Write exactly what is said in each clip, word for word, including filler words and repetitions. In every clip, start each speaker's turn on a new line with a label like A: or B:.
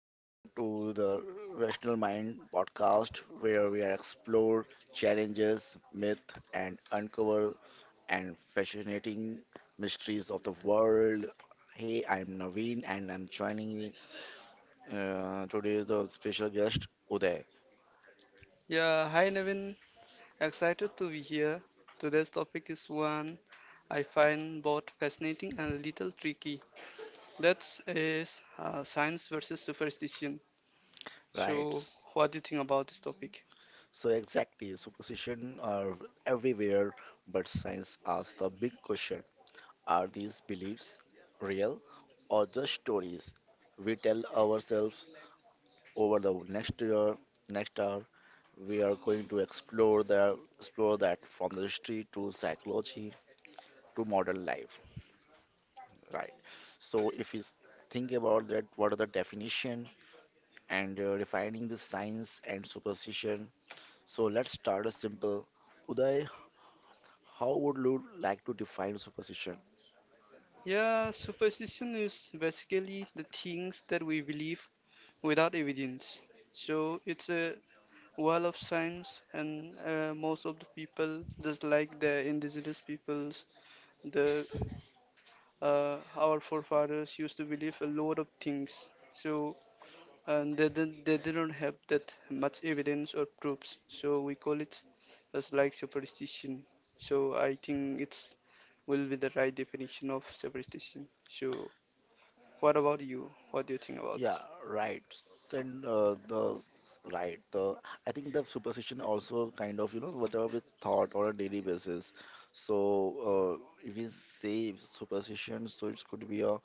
A: welcome to the Rational Mind podcast where we explore challenges, myth, and uncover and fascinating mysteries of the world. Hey, I'm Naveen and I'm joining me uh, today is the special guest Uday.
B: Yeah, hi Navin. Excited to be here. Today's topic is one I find both fascinating and a little tricky, that is, uh, science versus superstition.
A: Right.
B: So, what do you think about this topic?
A: So exactly, superstition are everywhere, but science asks the big question: are these beliefs real or just stories we tell ourselves? Over the next year, next hour, we are going to explore the explore that from the history to psychology to modern life. Right, so if you think about that, what are the definition and uh, refining the science and superstition? So let's start a simple, Uday, how would you like to define superstition?
B: Yeah, superstition is basically the things that we believe without evidence. So, it's a wall of science, and uh, most of the people, just like the indigenous peoples, the uh, our forefathers used to believe a lot of things. So, and they didn't they didn't have that much evidence or proofs. So we call it as like superstition. So I think it's will be the right definition of superstition. So what about you? What do you think about
A: Yeah,
B: this?
A: right. And uh, the s- right, the I think the superstition also kind of, you know, whatever we thought on a daily basis. So uh, if we say superstition, so it could be a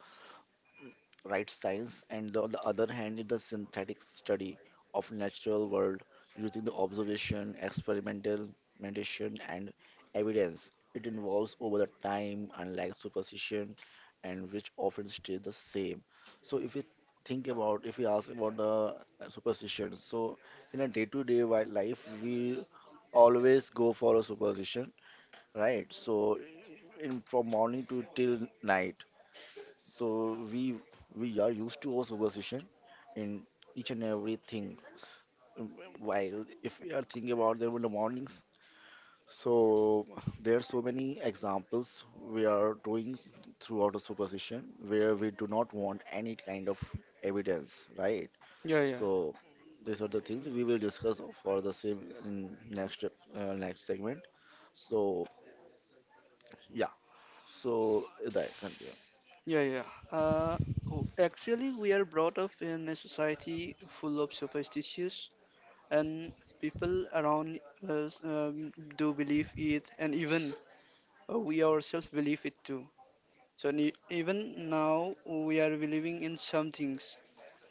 A: right science, and on the other hand is the synthetic study of natural world using the observation experimentation and evidence. It involves over the time unlike superstition and which often stay the same. So if you think about, if you ask about the uh, superstition, so in a day-to-day wi- life we always go for a superstition, right? So in from morning to till night, so we we are used to our superstition in each and everything. Um, while if we are thinking about there were the mornings, so there are so many examples we are doing throughout the superstition where we do not want any kind of evidence, right?
B: Yeah, yeah,
A: So these are the things we will discuss for the same in next ep- uh, next segment. So yeah, so that continue,
B: yeah, yeah. Uh, w- actually, we are brought up in a society full of superstitions, and people around us um, do believe it, and even Uh, we ourselves believe it too. So ne- even now we are believing in some things,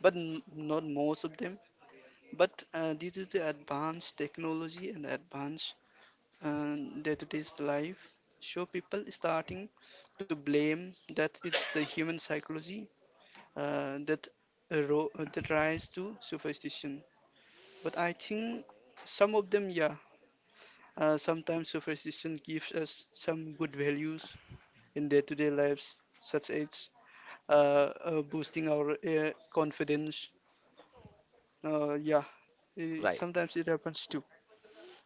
B: but n- not most of them. But uh, due to the advanced technology and advanced uh, day-to-day life, so people starting to blame that it's the human psychology uh, that ro- that rise to superstition. But I think some of them, yeah, uh, sometimes superstition gives us some good values in day-to-day lives, such as uh, uh, boosting our uh, confidence. Uh, yeah, eh,
A: right?
B: sometimes it happens too.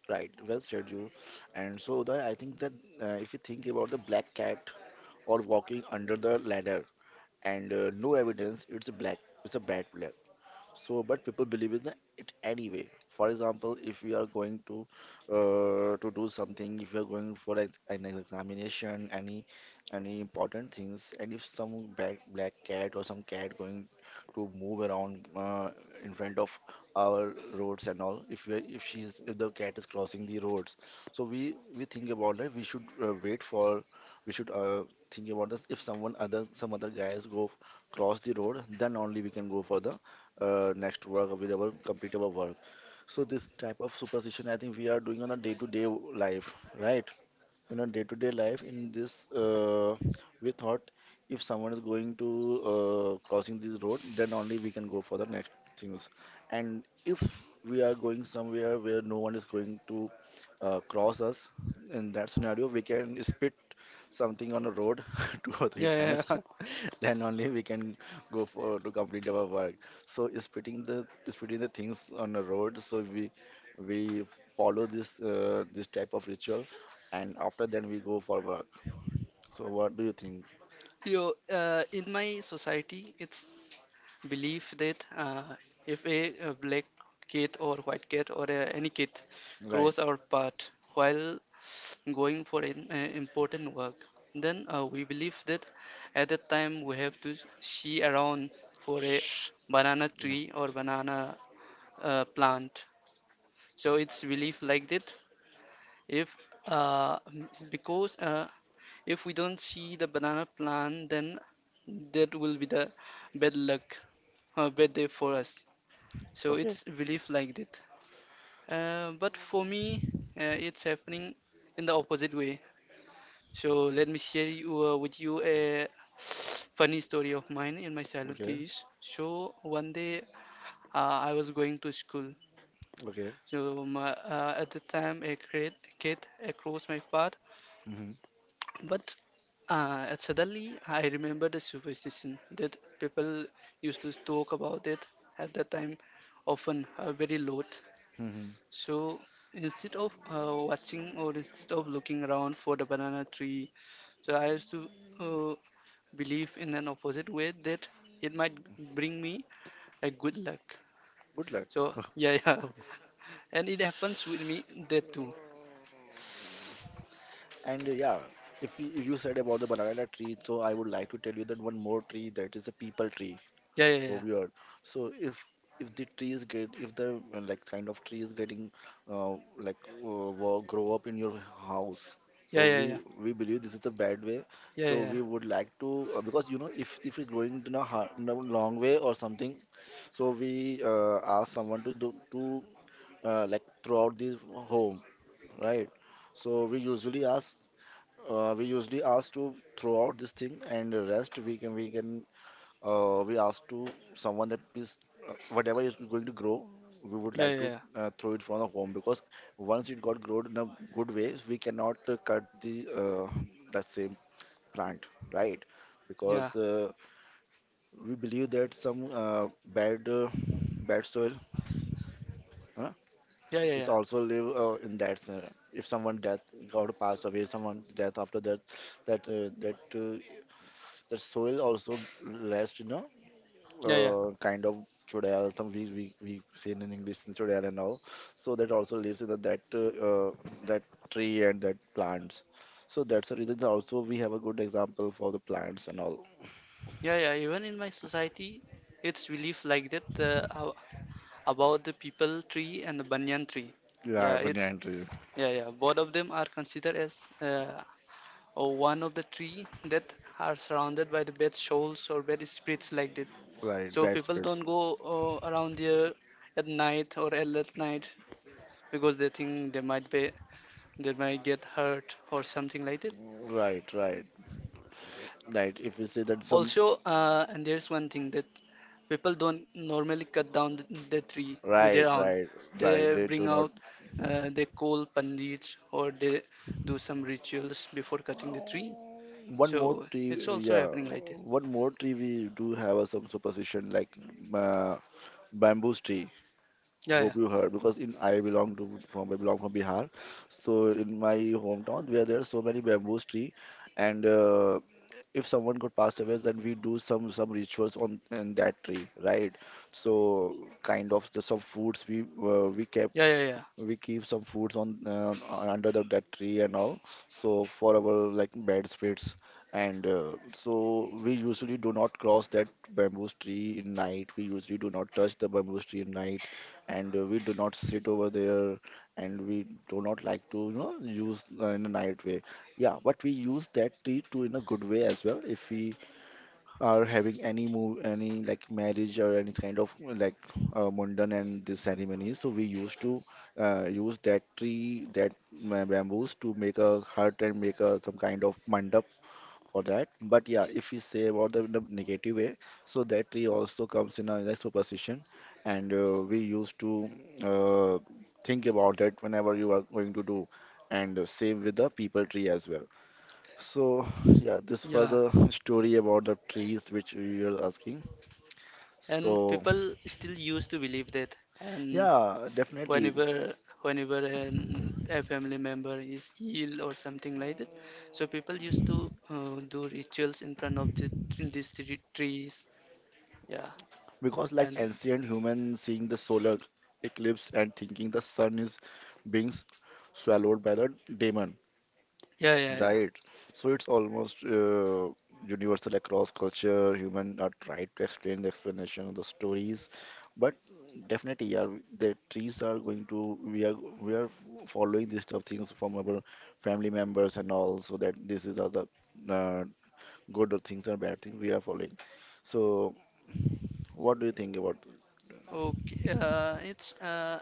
A: Right, well said you. And so Uday, I think that uh, if you think about the black cat or walking under the ladder and uh, no evidence, it's a black, it's a bad pla- so, but people believe in it anyway. For example, if we are going to uh, to do something, if we are going for ex- an examination, any any important things, and if some black black cat or some cat going to move around uh, in front of our roads and all, if we are, if she's if the cat is crossing the roads, so we we think about that. We should uh, wait for, we should uh, think about this. If someone other some other guys go cross the road, then only we can go for the uh, next work available, complete our work. So this type of superstition, I think we are doing on a day-to-day life, right? In a day-to-day life, in this uh, we thought if someone is going to uh, crossing this road, then only we can go for the next things. And if we are going somewhere where no one is going to uh, cross us, in that scenario we can spit something on the road two or three
B: Yeah, yeah,
A: times
B: yeah.
A: then only we can go for to complete our work. So spitting the spitting the things on the road, so we we follow this uh, this type of ritual and after then we go for work. So what do you think,
B: Yo, uh, in my society, it's belief that uh, if a, uh black cat or white cat or uh, any cat
A: right?
B: cross our path while going for an uh, important work, then uh, we believe that at that time we have to see around for a banana
A: Yeah,
B: tree or banana uh, plant. So it's belief like that. If uh, because uh, if we don't see the banana plant, then that will be the bad luck, uh, bad day for us. So
A: okay,
B: it's belief like that. Uh, but for me, uh, it's happening in the opposite way. So let me share you, uh, with you a funny story of mine in my childhood
A: okay,
B: days. So one day uh, I was going to school.
A: okay.
B: So my, uh, at the time a kid, kid uh, crossed my path.
A: Mm-hmm.
B: But uh, suddenly I remember the superstition that people used to talk about it at that time, often uh, very loath.
A: Mm-hmm.
B: So instead of uh, watching or instead of looking around for the banana tree, so I used to uh, believe in an opposite way that it might bring me a good luck.
A: Good luck.
B: So yeah, yeah, and it happens with me that too.
A: And uh, yeah, if you, if you said about the banana tree, so I would like to tell you that one more tree, that is a people tree
B: Yeah, yeah, yeah,
A: over here. So if if the trees get, if the uh, like kind of trees getting uh, like uh, wo- grow up in your house,
B: yeah,
A: so
B: yeah, yeah,
A: we we believe this is a bad way.
B: yeah, yeah,
A: So
B: yeah,
A: we would like to uh, because you know if if it's growing in a, har- in a long way or something, so we uh, ask someone to do to uh, like throughout the home, right? So we usually ask, uh, we usually ask to throw out this thing, and the rest we can we can uh, we ask to someone that please uh, whatever is going to grow, we would
B: yeah, yeah,
A: like
B: yeah,
A: to
B: yeah,
A: uh, throw it from the home, because once it got grown in a good way we cannot uh, cut the uh, that same plant, right? Because uh, we believe that some uh, bad uh, bad soil uh,
B: yeah, yeah,
A: is
B: yeah,
A: also live uh, in that uh, if someone death got to pass away, someone death, after that that uh, that uh, the soil also less, you know,
B: yeah, yeah,
A: uh, kind of chodal. Some we we we say in English in chodal and all. So that also lives in the, that uh, uh, that tree and that plants. So that's the reason that also we have a good example for the plants and all.
B: yeah, yeah. Even in my society, it's belief like that uh, ab- about the people tree and the banyan tree.
A: Yeah,
B: Yeah, it's
A: banyan tree.
B: yeah, yeah. Both of them are considered as uh, or one of the tree that are surrounded by the bad souls or bad spirits like that.
A: Right,
B: So
A: bad
B: people
A: spirits.
B: don't go uh, around there at night or at late night because they think they might be they might get hurt or something like that.
A: Right, right, right. If you say that some,
B: Also, uh, and there's one thing that people don't normally cut down the, the tree with their
A: right,
B: own.
A: right, right,
B: They
A: they
B: bring
A: do not.
B: out, uh, they call pandits or they do some rituals before cutting the tree.
A: One more
B: So it's
A: tree,
B: also
A: yeah.
B: happening like that.
A: One more tree we do have uh, some superstition like uh, bamboo tree.
B: Yeah, yeah,
A: Hope you heard, because in I belong to from, I belong from Bihar, so in my hometown where there are so many bamboo tree, and uh, if someone could pass away, then we do some some rituals on in that tree, right? So kind of the, some foods we uh, we kept
B: yeah, yeah, yeah.
A: we keep some foods on uh, under the, that tree and all, so for our like bad spirits and uh, so we usually do not cross that bamboo tree in night, we usually do not touch the bamboo tree in night, and uh, we do not sit over there and we do not like to, you know, use uh, in a night way. Yeah, but we use that tree to in a good way as well, if we are having any move any like marriage or any kind of like uh, mundan and the ceremonies, so we used to uh, use that tree, that ma- bamboos to make a hut and make a some kind of mandap for that. But yeah, if we say about the, the negative way, so that tree also comes in a, in a superstition, and uh, we used to uh, think about that whenever you are going to do, and uh, same with the people tree as well. So, yeah, this was
B: Yeah,
A: the story about the trees which you were asking.
B: and
A: So,
B: people still used to believe that. And
A: yeah, definitely.
B: whenever, whenever an, a family member is ill or something like that, so people used to uh, do rituals in front of the, these tre- trees Yeah,
A: Because, like,
B: and
A: ancient humans seeing the solar eclipse and thinking the sun is being s- swallowed by the demon.
B: yeah, yeah, yeah.
A: Right. So it's almost uh, universal across culture. Human are tried to explain the explanation of the stories, but definitely, yeah, the trees are going to, we are we are following these stuff things from our family members and all, so that this is are the uh, good things and bad things we are following. So what do you think about?
B: Okay, uh, it's uh,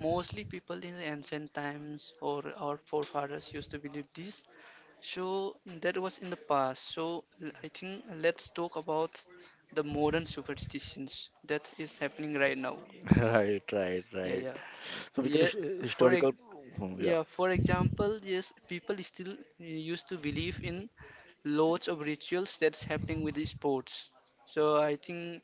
B: mostly people in the ancient times or our forefathers used to believe this. So that was in the past. So l- I think let's talk about the modern superstitions that is happening right now.
A: Right, right,
B: Yeah,
A: right.
B: yeah,
A: So we can
B: yeah.
A: his-
B: For e-
A: historical, hmm, yeah.
B: yeah, for example, yes, people still used to believe in loads of rituals that's happening with the sports. So I think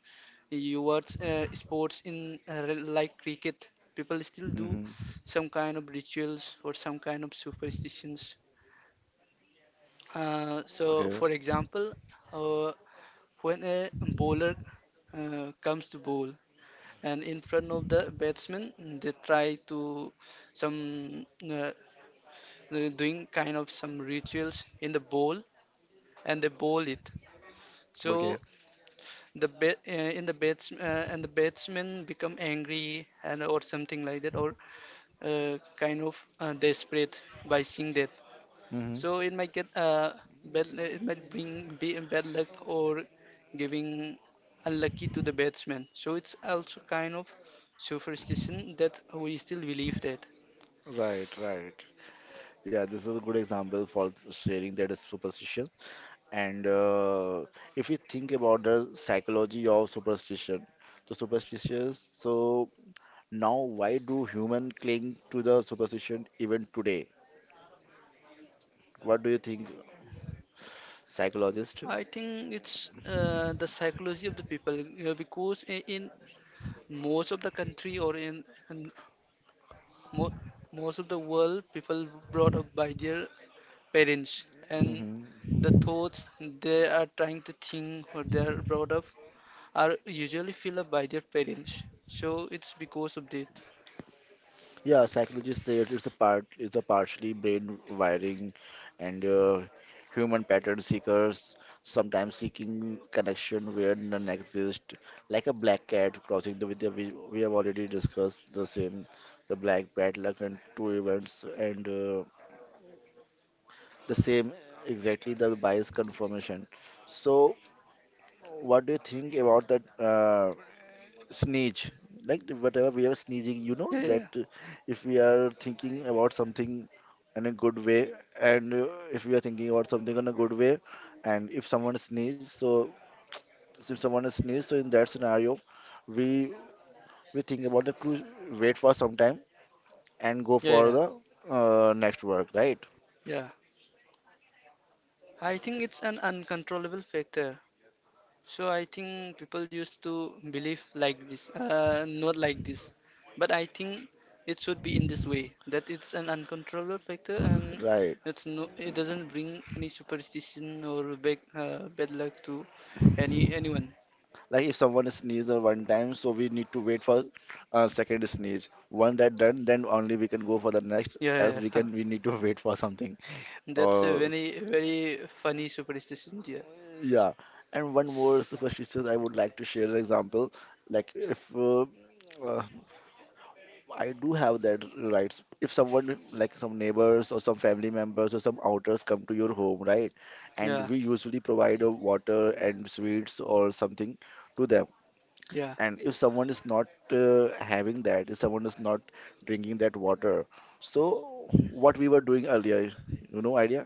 B: you watch uh, sports in uh, re- like cricket, people still do
A: Hmm.
B: some kind of rituals or some kind of superstitions. Uh, so,
A: Okay,
B: for example, uh, when a bowler uh, comes to bowl and in front of the batsman, they try to some uh, doing kind of some rituals in the bowl and they bowl it.
A: okay.
B: So the bat uh, in the bats uh, and the batsmen become angry and or something like that or uh, kind of uh, desperate by seeing that,
A: Hmm.
B: so it might get uh, bad, uh, it might bring be bad luck or giving unlucky to the batsman, so it's also kind of superstition that we still believe that.
A: Right, right. Yeah, this is a good example for sharing that superstition. And uh, if you think about the psychology of superstition, so superstitious. So now, why do human cling to the superstition even today? What do you think, psychologist?
B: I think it's uh, the psychology of the people, uh, because i- in most of the country or in, in Mo- most of the world, people brought up by their parents, and the
A: Mhm.
B: thoughts they are trying to think or they are brought up are usually filled up by their parents, so it's because of that.
A: Yeah, psychologists say it is a part it's a partially brain wiring, and uh, human pattern seekers sometimes seeking connection where none exist, like a black cat crossing the with, we, we have already discussed the same, the black bad luck and two events, and uh, the same exactly the bias confirmation. So what do you think about that? Uh, sneeze, like the- whatever we are sneezing, you know,
B: Yeah, yeah,
A: that
B: yeah,
A: uh, if we are thinking about something in a good way, and uh, if we are thinking about something in a good way, and if someone sneezes, so so if someone sneezes, so in that scenario we we think about the to wait for some time and go
B: yeah,
A: for
B: yeah,
A: the uh, next work, right?
B: yeah. I think it's an uncontrollable factor. So I think people used to believe like this, uh, not like this. But I think it should be in this way, that it's an uncontrollable factor, and
A: Right,
B: it's no, it doesn't bring any superstition or bad, uh, bad luck to any anyone.
A: like if someone sneezes on one time, so we need to wait for uh, second sneeze one that done, then only we can go for the next, else
B: Yeah,
A: we
B: yeah.
A: can we need to wait for something.
B: That's a
A: Or s-
B: very very funny superstition, dear.
A: yeah, and one more superstition I would like to share an example. Like if uh, uh, I do have that rights, if someone like some neighbors or some family members or some outers come to your home, right? And
B: Yeah,
A: we usually provide a water and sweets or something to them.
B: yeah.
A: And if someone is not uh, having that, if someone is not drinking that water, so what we were doing earlier, you know, idea?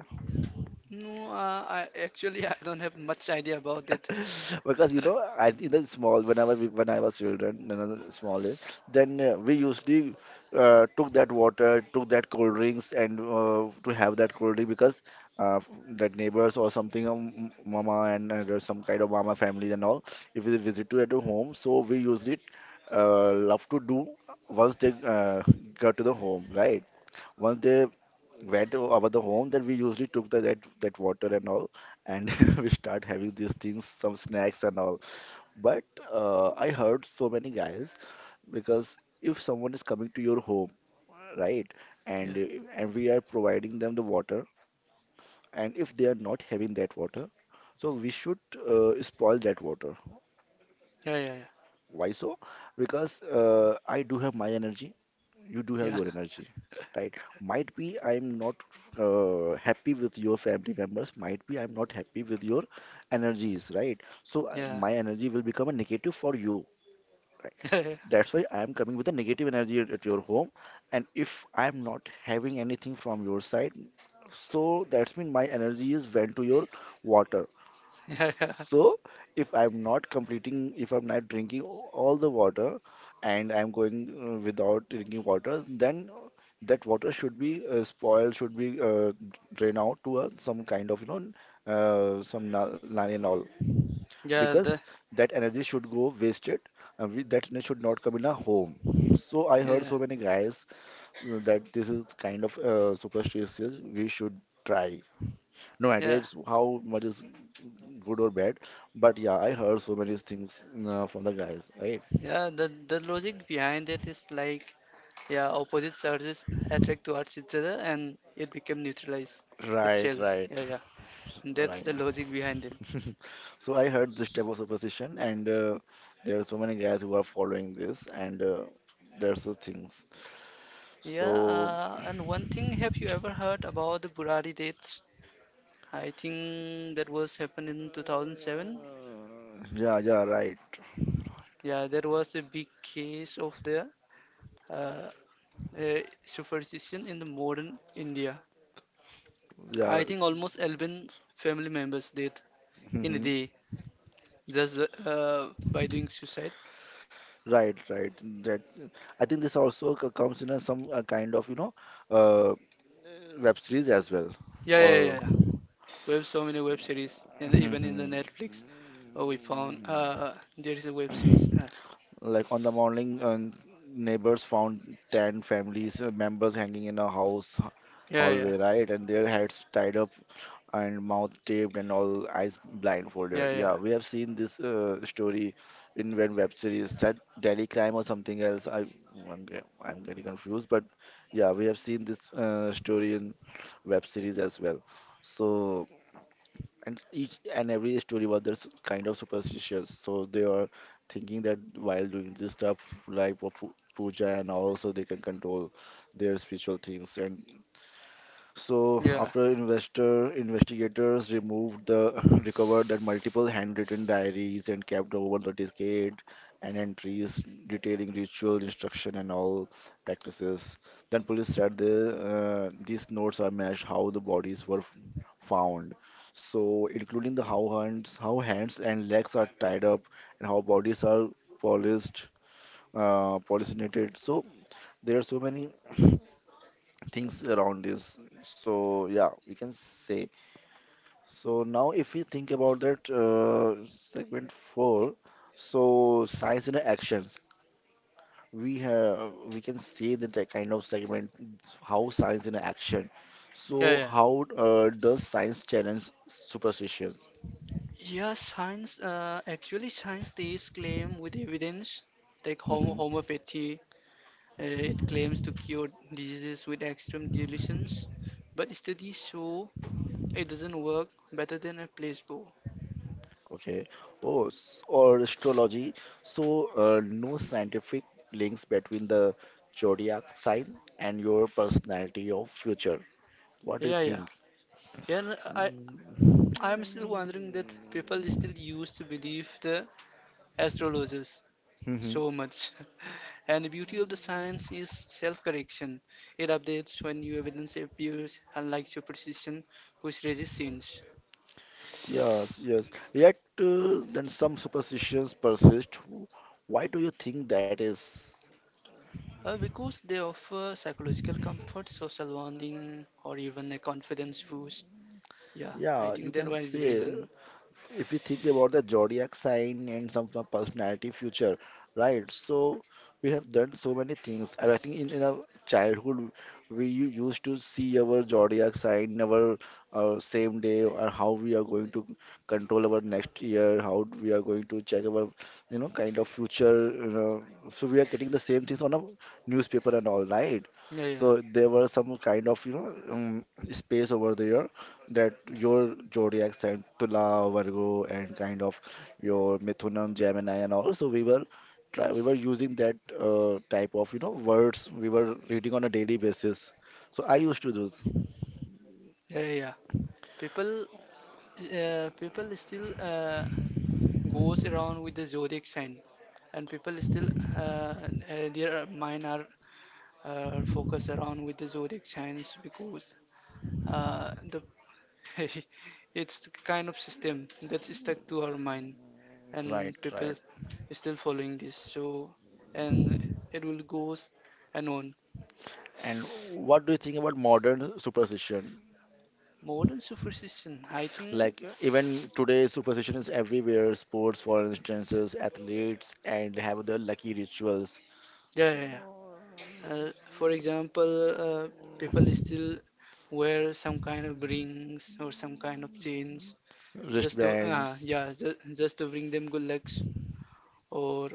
B: No, uh, I actually I don't have much idea about it.
A: Because you know, I in the small. Whenever we, when I was children, when I was small age, then uh, we usually uh, took that water, took that cold drinks, and uh, to have that cold drink because uh, that neighbors or something, um, mama and uh, there's some kind of mama family and all, if we visit to at home, so we usually uh, love to do once they uh, got to the home, right? Once they went o- over the home, then we usually took the, that that water and all, and we start having these things, some snacks and all. But uh, I heard so many guys, because if someone is coming to your home, right, and
B: Yeah,
A: uh, and we are providing them the water, and if they are not having that water, so we should uh, spoil that water.
B: yeah, yeah,
A: Why so? Because uh, I do have my energy, you do have
B: yeah,
A: your energy, right? Might be I'm not uh, happy with your family members, might be I'm not happy with your energies, right? So uh,
B: yeah,
A: my energy will become a negative for you, right?
B: yeah, yeah,
A: That's why I am coming with a negative energy at at your home, and if I'm not having anything from your side, so that's mean my energy is went to your water.
B: yeah, yeah,
A: So, if I'm not completing, if I'm not drinking all the water and I'm going uh, without drinking water, then that water should be uh, spoiled, should be uh, drained out to a, some kind of, you know, uh, some na- nani and all.
B: yeah,
A: Because
B: The,
A: that energy should go wasted, and we, that energy should not come in a home. So, I heard
B: yeah.
A: so many guys uh, that this is kind of uh, superstitious we should try. No idea
B: Yeah,
A: it's how much is good or bad. But yeah, I heard so many things uh, from the guys, right?
B: yeah. The the logic behind it is like, yeah, opposite charges attract towards each other, and it become neutralized
A: Right,
B: itself.
A: right,
B: Yeah, yeah. And that's
A: right.
B: the logic behind it.
A: So I heard this type of superstition, and uh, there are so many guys who are following this, and uh, there's the things.
B: Yeah.
A: So
B: Uh, and one thing, have you ever heard about the Burari dates? I think that was happened in two thousand seven.
A: uh, yeah, yeah, right,
B: Yeah, there was a big case of the uh, uh, superstition in the modern India.
A: yeah.
B: I think almost eleven family members died in a
A: Hmm.
B: day, just uh, by doing suicide.
A: Right, right. That I think this also c- comes in a, some uh, kind of you know uh, web series as well,
B: Yeah, yeah,
A: or.
B: yeah, yeah. We have so many web series, and even in the
A: Hmm.
B: Netflix, uh, we found uh, there is a web series. Uh,
A: Like on the morning, uh, neighbors found ten families uh, members hanging in a house h-
B: yeah, yeah,
A: hallway, right? And their heads tied up and mouth taped and all eyes blindfolded.
B: yeah,
A: Yeah,
B: yeah,
A: we have seen this uh, story in one web series, that Delhi Crime or something else. I, I'm, ge- I'm getting confused, but yeah, we have seen this uh, story in web series as well. So. And each and every story was there's kind of superstitious. So they are thinking that while doing this stuff, like for pu- puja, and also they can control their spiritual things. And so
B: yeah,
A: after investor investigators removed the recovered that multiple handwritten diaries and kept over the decade, and entries detailing ritual instruction and all practices. Then police said the, uh, these notes are matched how the bodies were f- found. So including the how hands, how hands and legs are tied up, and how bodies are polished, uh, polygenited. So there are so many things around this. So yeah, we can say. So now if we think about that uh, segment four, so science in actions, we have we can see that the kind of segment how science in action.
B: yeah,
A: So
B: yeah.
A: how uh, does science challenge superstitions?
B: Yeah, science. Uh, actually, science theists claim with evidence, like hom
A: Hmm.
B: homeopathy, uh, it claims to cure diseases with extreme dilutions, but studies show it doesn't work better than a placebo.
A: Okay. Oh, s- or astrology. So uh, no scientific links between the zodiac sign and your personality of future. What do you
B: Yeah, yeah.
A: think?
B: Yeah, and I I'm still
A: Mm.
B: wondering that people still used to believe the astrologers so
A: Mhm.
B: much. And the beauty of the science is self-correction. It updates when new evidence appears, unlike superstition, which resists change.
A: Yes, yes. Yet uh, then some superstitions persist. Why do you think that is?
B: Uh, because they offer psychological comfort, social bonding, or even a confidence boost. Yeah, I
A: Yeah, you
B: think that
A: can
B: one is the
A: say
B: reason.
A: if we think about the zodiac sign and some of personality future, right? So we have done so many things. And I think in, in our childhood, we u- used to see our zodiac sign, our uh, same day, or how we are going to control our next year, how d- we are going to check our, you know, kind of future. You know, so we are getting the same things on a newspaper and all, right?
B: Yeah, yeah,
A: So there were some kind of, you know, um, space over there, that your zodiac sign Tula, Virgo, and kind of your Mithunam, Gemini, and all, so we were try we were using that uh, type of you know words we were reading on a daily basis. So I used to do,
B: yeah, yeah, yeah. People, uh, people still uh, goes around with the zodiac sign, and people still uh, uh, their mind are uh, focused around with the zodiac signs, because uh, the it's the kind of system that's stuck to our mind and
A: right,
B: people
A: right.
B: still following this. So, and it will goes and on
A: And what do you think about modern superstition?
B: modern superstition, I think.
A: Like even today, superstition is everywhere. Sports, for instance, athletes and have their lucky rituals,
B: Yeah, yeah, yeah. Uh, for example, uh, people still wear some kind of rings or some kind of chains just to uh,
A: wristbands.
B: yeah just, just to bring them good lucks, or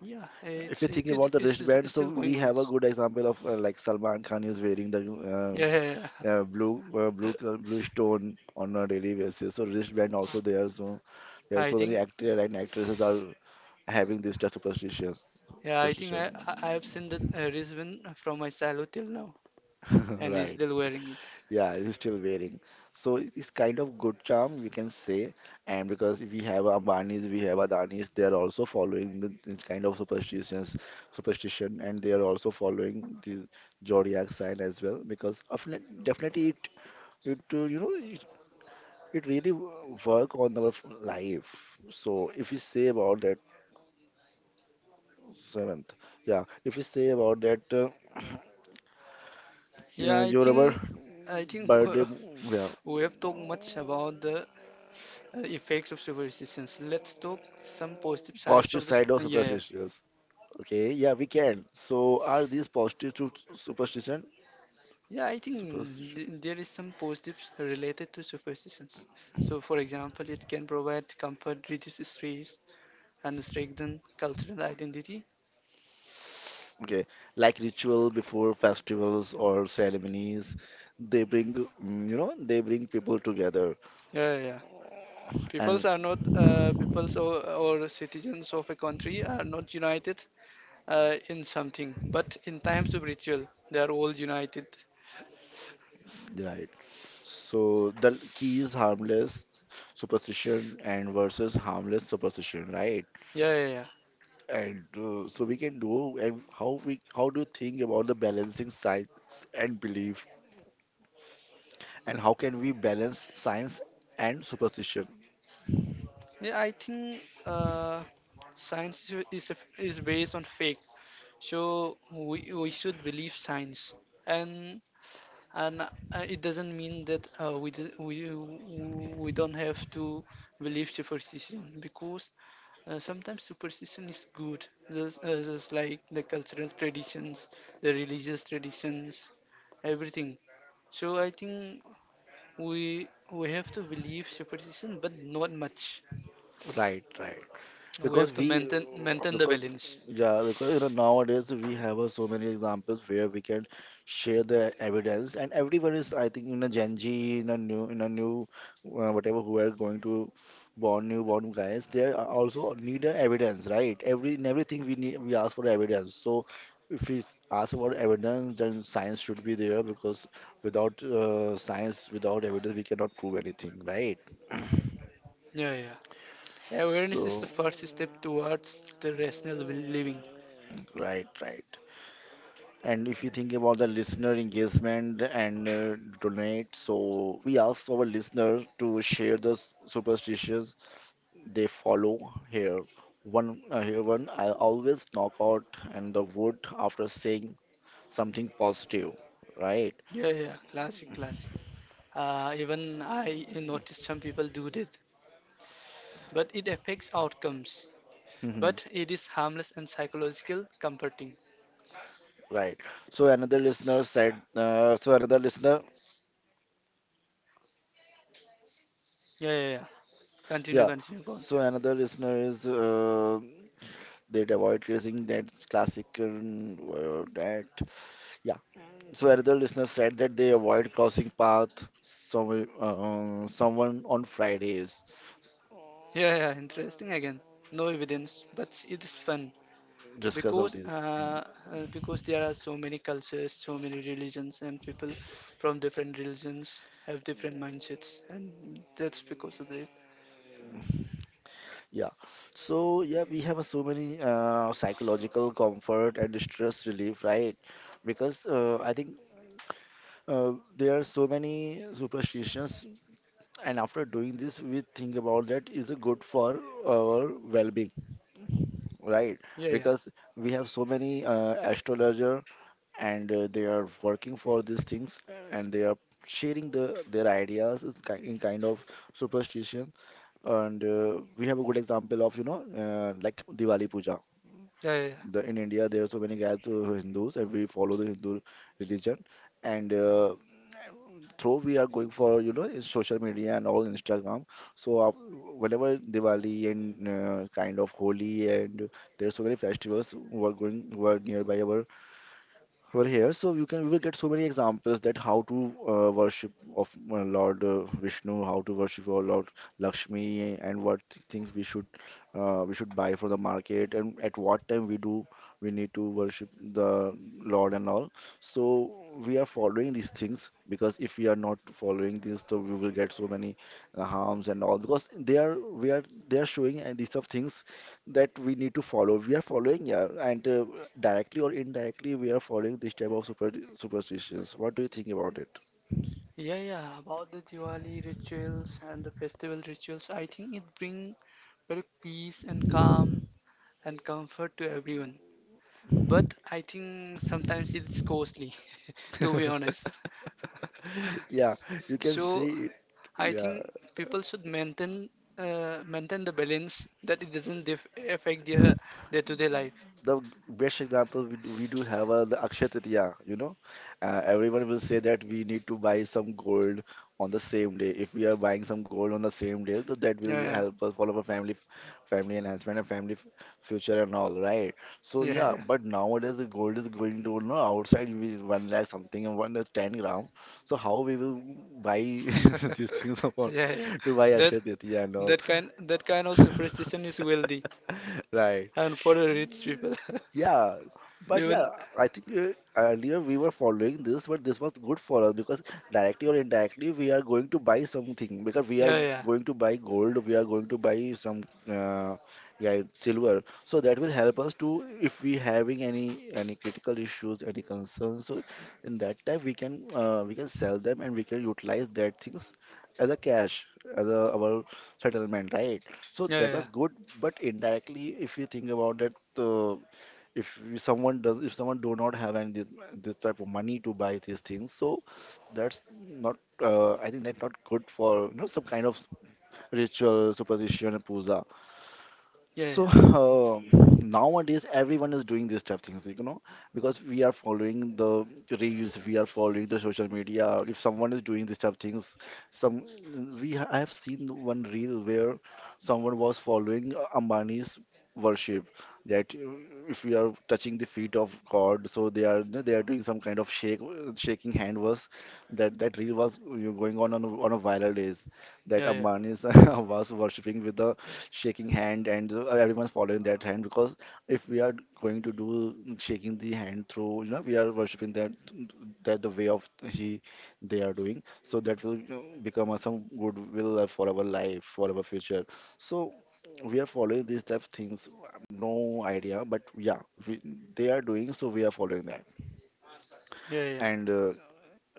B: yeah,
A: If
B: it's
A: you think
B: it's
A: about the
B: it's
A: wristband,
B: it's
A: so
B: still going
A: we
B: on.
A: have a good example of uh, like Salman Khan is wearing the
B: Yeah, yeah, yeah.
A: uh, uh, blue uh, blue col- blue stone on a daily basis. So wristband also there. So there are
B: I
A: so many
B: think,
A: actors and actresses are having this type of superstition.
B: yeah, I think I I I have
A: Superstition,
B: seen that uh, wristband from my silo till now, and he's
A: right?
B: still wearing it.
A: Yeah, it is still wearing. So it- it's kind of good charm, we can say. And because we have Ambanis, we have Adanis, they are also following the, this kind of superstitions, superstition, and they are also following the zodiac sign as well. Because of, definitely, it it uh, you know it, it really w- work on our f- life. So if we say about that seventh, yeah, if we say about that, uh, you
B: Yeah,
A: know,
B: I
A: your our
B: think I think
A: birthday,
B: uh,
A: yeah,
B: We have talked much about the uh, effects of superstitions. Let's talk some positive sides
A: positive
B: of this.
A: side of
B: Yeah, yeah.
A: superstitions. Okay, yeah, we can. So, are these positive to superstition?
B: Yeah, I think
A: Superstition.
B: th- there is some positives related to superstitions. So, for example, it can provide comfort, reduce stress, and strengthen cultural identity.
A: Okay, like ritual before festivals or ceremonies, they bring, mm, you know, they bring people together.
B: Yeah,
A: S-
B: yeah, yeah. Peoples
A: And
B: are not uh, peoples or, or citizens of a country are not united uh, in something, but in times of ritual, they are all united.
A: right. So the key is harmless superstition and versus harmless superstition, right?
B: Yeah, yeah, yeah.
A: And uh, so we can do, and how we how do you think about the balancing science and belief, and how can we balance science and superstition?
B: Yeah, I think uh, science is is is based on fact. So we we should believe science, and and uh, it doesn't mean that uh, we, d- we we don't have to believe superstition, because uh, sometimes superstition is good, just, uh, just like the cultural traditions, the religious traditions, everything. So I think we we have to believe superstition, but not much.
A: Right, right.
B: We have
A: Because
B: to
A: we,
B: maintain
A: uh,
B: maintain the
A: because
B: balance.
A: yeah, because you know nowadays we have uh, so many examples where we can share the evidence, and everyone is, I think, in a Gen Z, in a new, in a new, uh, whatever who are going to born newborn guys, they are also need a evidence, right? Every in everything we need, we ask for evidence. So if we s- ask about evidence, then science should be there, because without uh, science, without evidence, we cannot prove anything, right?
B: Yeah, yeah. Awareness is the
A: So.
B: first step towards the rational living.
A: Right, right. And if you think about the listener engagement and uh, donate, so we ask our listener to share the s- superstitions they follow here. One, uh, here one, I always knock out and the wood after saying something positive, right?
B: Yeah, yeah. Classic, classic. Uh, even I noticed some people do that, but it affects outcomes.
A: Mhm.
B: But it is harmless and psychological comforting.
A: Right. So another listener said, uh, so another listener
B: Yeah, yeah, yeah. Continue,
A: yeah.
B: continue, go on.
A: So another listener is uh, they'd avoid using that classic um, uh, that, yeah. So another listener said that they avoid crossing path some uh, someone on Fridays
B: Yeah, yeah, interesting again. No evidence, but it is fun,
A: just because of
B: because
A: this. Mm.
B: uh, uh, because there are so many cultures, so many religions, and people from different religions have different mindsets, and that's because of it.
A: Yeah. So yeah, we have uh, so many uh, psychological comfort and stress relief, right? Because uh, I think uh, there are so many superstitions, and after doing this, we think about that is it good for our well-being, right?
B: Yeah, yeah, yeah,
A: Because we have so many uh, astrologer and uh, they are working for these things, and they are sharing the their ideas in ki- in kind of superstition. And uh, we have a good example of, you know, uh, like Diwali Puja.
B: yeah, yeah.
A: The, in India, there are so many guys who are Hindus and we follow the Hindu religion. And uh, through we are going for you know is social media and all Instagram. So uh, whenever Diwali and uh, kind of Holi, and there are so many festivals who are going who are nearby our over here. So you can we will get so many examples that how to uh, worship of uh, Lord uh, Vishnu, how to worship our Lord Lakshmi, and what th- things we should uh, we should buy from the market, and at what time we do we need to worship the Lord and all. So we are following these things, because if we are not following this, so we will get so many uh, harms and all, because they are we are they are showing uh, these sort of things that we need to follow. We are following, yeah, and uh, directly or indirectly, we are following this type of super superstitions. What do you think about it?
B: Yeah, yeah, about the Diwali rituals and the festival rituals, I think it bring very peace and calm and comfort to everyone. But I think sometimes it's costly, to be honest.
A: Yeah, you can
B: So
A: see it.
B: I
A: Yeah,
B: think people should maintain uh, maintain the balance, that it doesn't def affect their day-to-day life.
A: the best example we do, we do have uh, the Akshaya Tritiya, you know. Uh, everyone will say that we need to buy some gold on the same day. If we are buying some gold on the same day, so that will
B: Yeah,
A: help us follow our family family enhancement and family f- future and all, right? So
B: yeah,
A: yeah,
B: yeah,
A: but nowadays the gold is going to you know outside, we one lakh something, and one lakh ten gram. So how we will buy
B: yeah,
A: these things upon
B: yeah, yeah.
A: to buy
B: That
A: Akshaya Tritiya and all,
B: that kind that kind of superstition is wealthy
A: right?
B: and for the rich people.
A: Yeah, but
B: Even
A: yeah, I think uh, earlier we were following this, but this was good for us, because directly or indirectly we are going to buy something, because we are
B: yeah, yeah.
A: going to buy gold, we are going to buy some uh, yeah, silver. So that will help us to if we having any any critical issues, any concerns. So in that time we can uh, we can sell them and we can utilize that things as a cash as a, our settlement, right? So
B: Yeah,
A: that
B: yeah,
A: was good, but indirectly, if you think about that, uh, if we- someone does if someone do not have any this, this type of money to buy these things, so that's not uh, I think that's not good for you know some kind of ritual superstition and puja.
B: yeah, yeah,
A: So um nowadays, everyone is doing these type things, you know, because we are following the reels, we are following the social media. If someone is doing these type things, some we ha- I have seen one reel where someone was following uh, Ambani's worship, that uh, if we are touching the feet of God, so they are they are doing some kind of shake shaking hand. Was that that reel was uh, going on on a, on a viral days, that
B: yeah, yeah, yeah,
A: Ambani's was worshipping with the shaking hand, and uh, everyone's following that hand, because if we are going to do shaking the hand through, you know we are worshiping that, that the way of he they are doing, so that will, you know, become a, some goodwill uh, for our life, for our future. So we are following these type of things, no idea, but yeah, we, they are doing, so we are following that.
B: yeah, yeah.
A: And uh,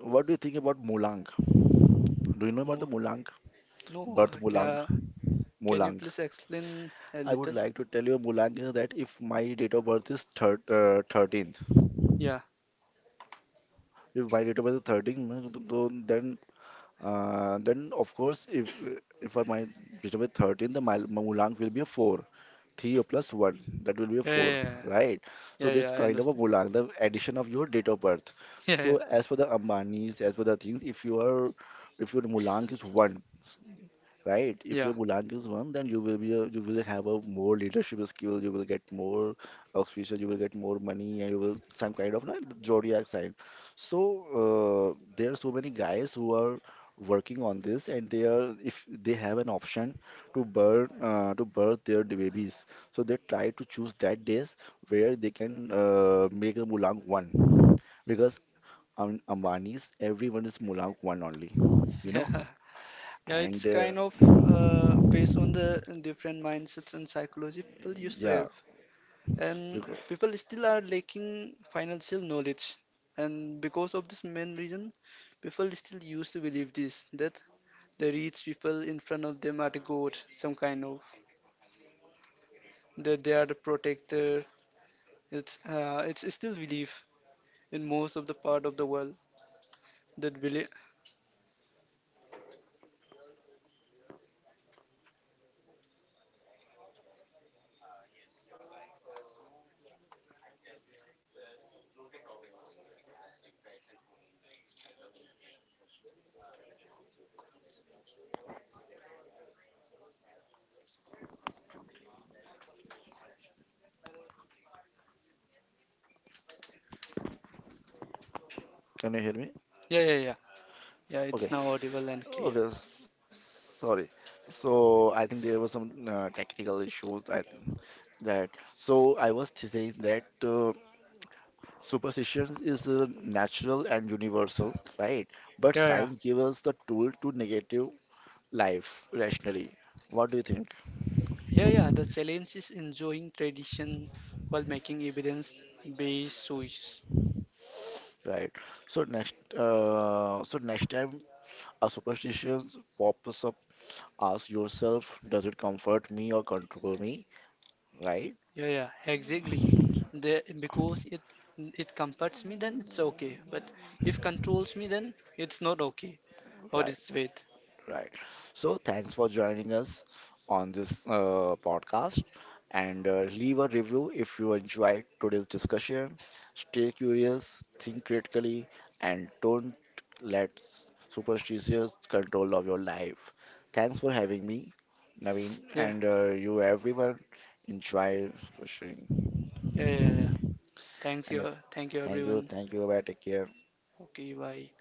A: what do you think about mulang? Do you know about the
B: Mo
A: mulang
B: no,
A: birth?
B: ca
A: mulang
B: Can you
A: mulang
B: please explain a
A: I would
B: little?
A: like to tell you, Mulanka, that if my date of birth is thir uh, thirteenth,
B: Yeah,
A: if my date of birth is thirteenth, then th- th- then, uh, then of course, if if I- my date of birth thirteenth, then my, my Mulank will be a four. three plus one, that will be a
B: yeah,
A: four,
B: yeah, yeah,
A: right? So
B: yeah,
A: this
B: yeah, I
A: kind of a
B: understand.
A: Mulang, the addition of your date of birth. So as for the Ambanis, as for the things, if you are, if your Mulang is one, right?
B: Yeah,
A: If
B: yeah,
A: your Golang is one, then you will be a, you will have a more leadership skill. You will get more auspicious. You will get more money, and you will some kind of like zodiac sign. So uh, there are so many guys who are working on this, and they are if they have an option to birth uh, to birth their babies, so they try to choose that days where they can uh, make a Mulang one, because on Ambani's everyone is Mulang one only, you
B: yeah,
A: know,
B: yeah. Yeah, it's
A: and. Uh,
B: kind of uh, based on the different mindsets and psychology people used to
A: Yeah,
B: have. And
A: because
B: people still are lacking financial knowledge. And because of this main reason, people still used to believe this, that the rich people in front of them are the god, some kind of that they are the protector. It's uh, it's still belief in most of the part of the world that believe.
A: can you hear me?
B: Yeah, yeah, yeah, yeah. It's
A: Okay,
B: now audible and clear.
A: okay, s- sorry. So I think there was some uh, technical issues. I think that, so I was th- saying that uh, superstitions is uh, natural and universal, right? But
B: Yeah, yeah,
A: science gives us the tool to negative life rationally. What do you think?
B: yeah, yeah. The challenge is enjoying tradition while making evidence-based choices.
A: Right. So next, uh, so next time a superstition pops up, ask yourself, does it comfort me or control me? Right.
B: Yeah, yeah, exactly. The, because it it comforts me, then it's okay. But if controls me, then it's not okay or
A: Right.
B: it's bad.
A: Right. So thanks for joining us on this uh, podcast, and uh, leave a review if you enjoyed today's discussion. Stay curious, think critically, and don't let superstitions control of your life. Thanks for having me, Naveen,
B: Yeah,
A: and uh, you everyone. Enjoy pushing.
B: yeah, yeah, yeah. Thanks
A: And uh,
B: you, thank you
A: thank you,
B: everyone.
A: thank you, bye, take care.
B: Okay, bye.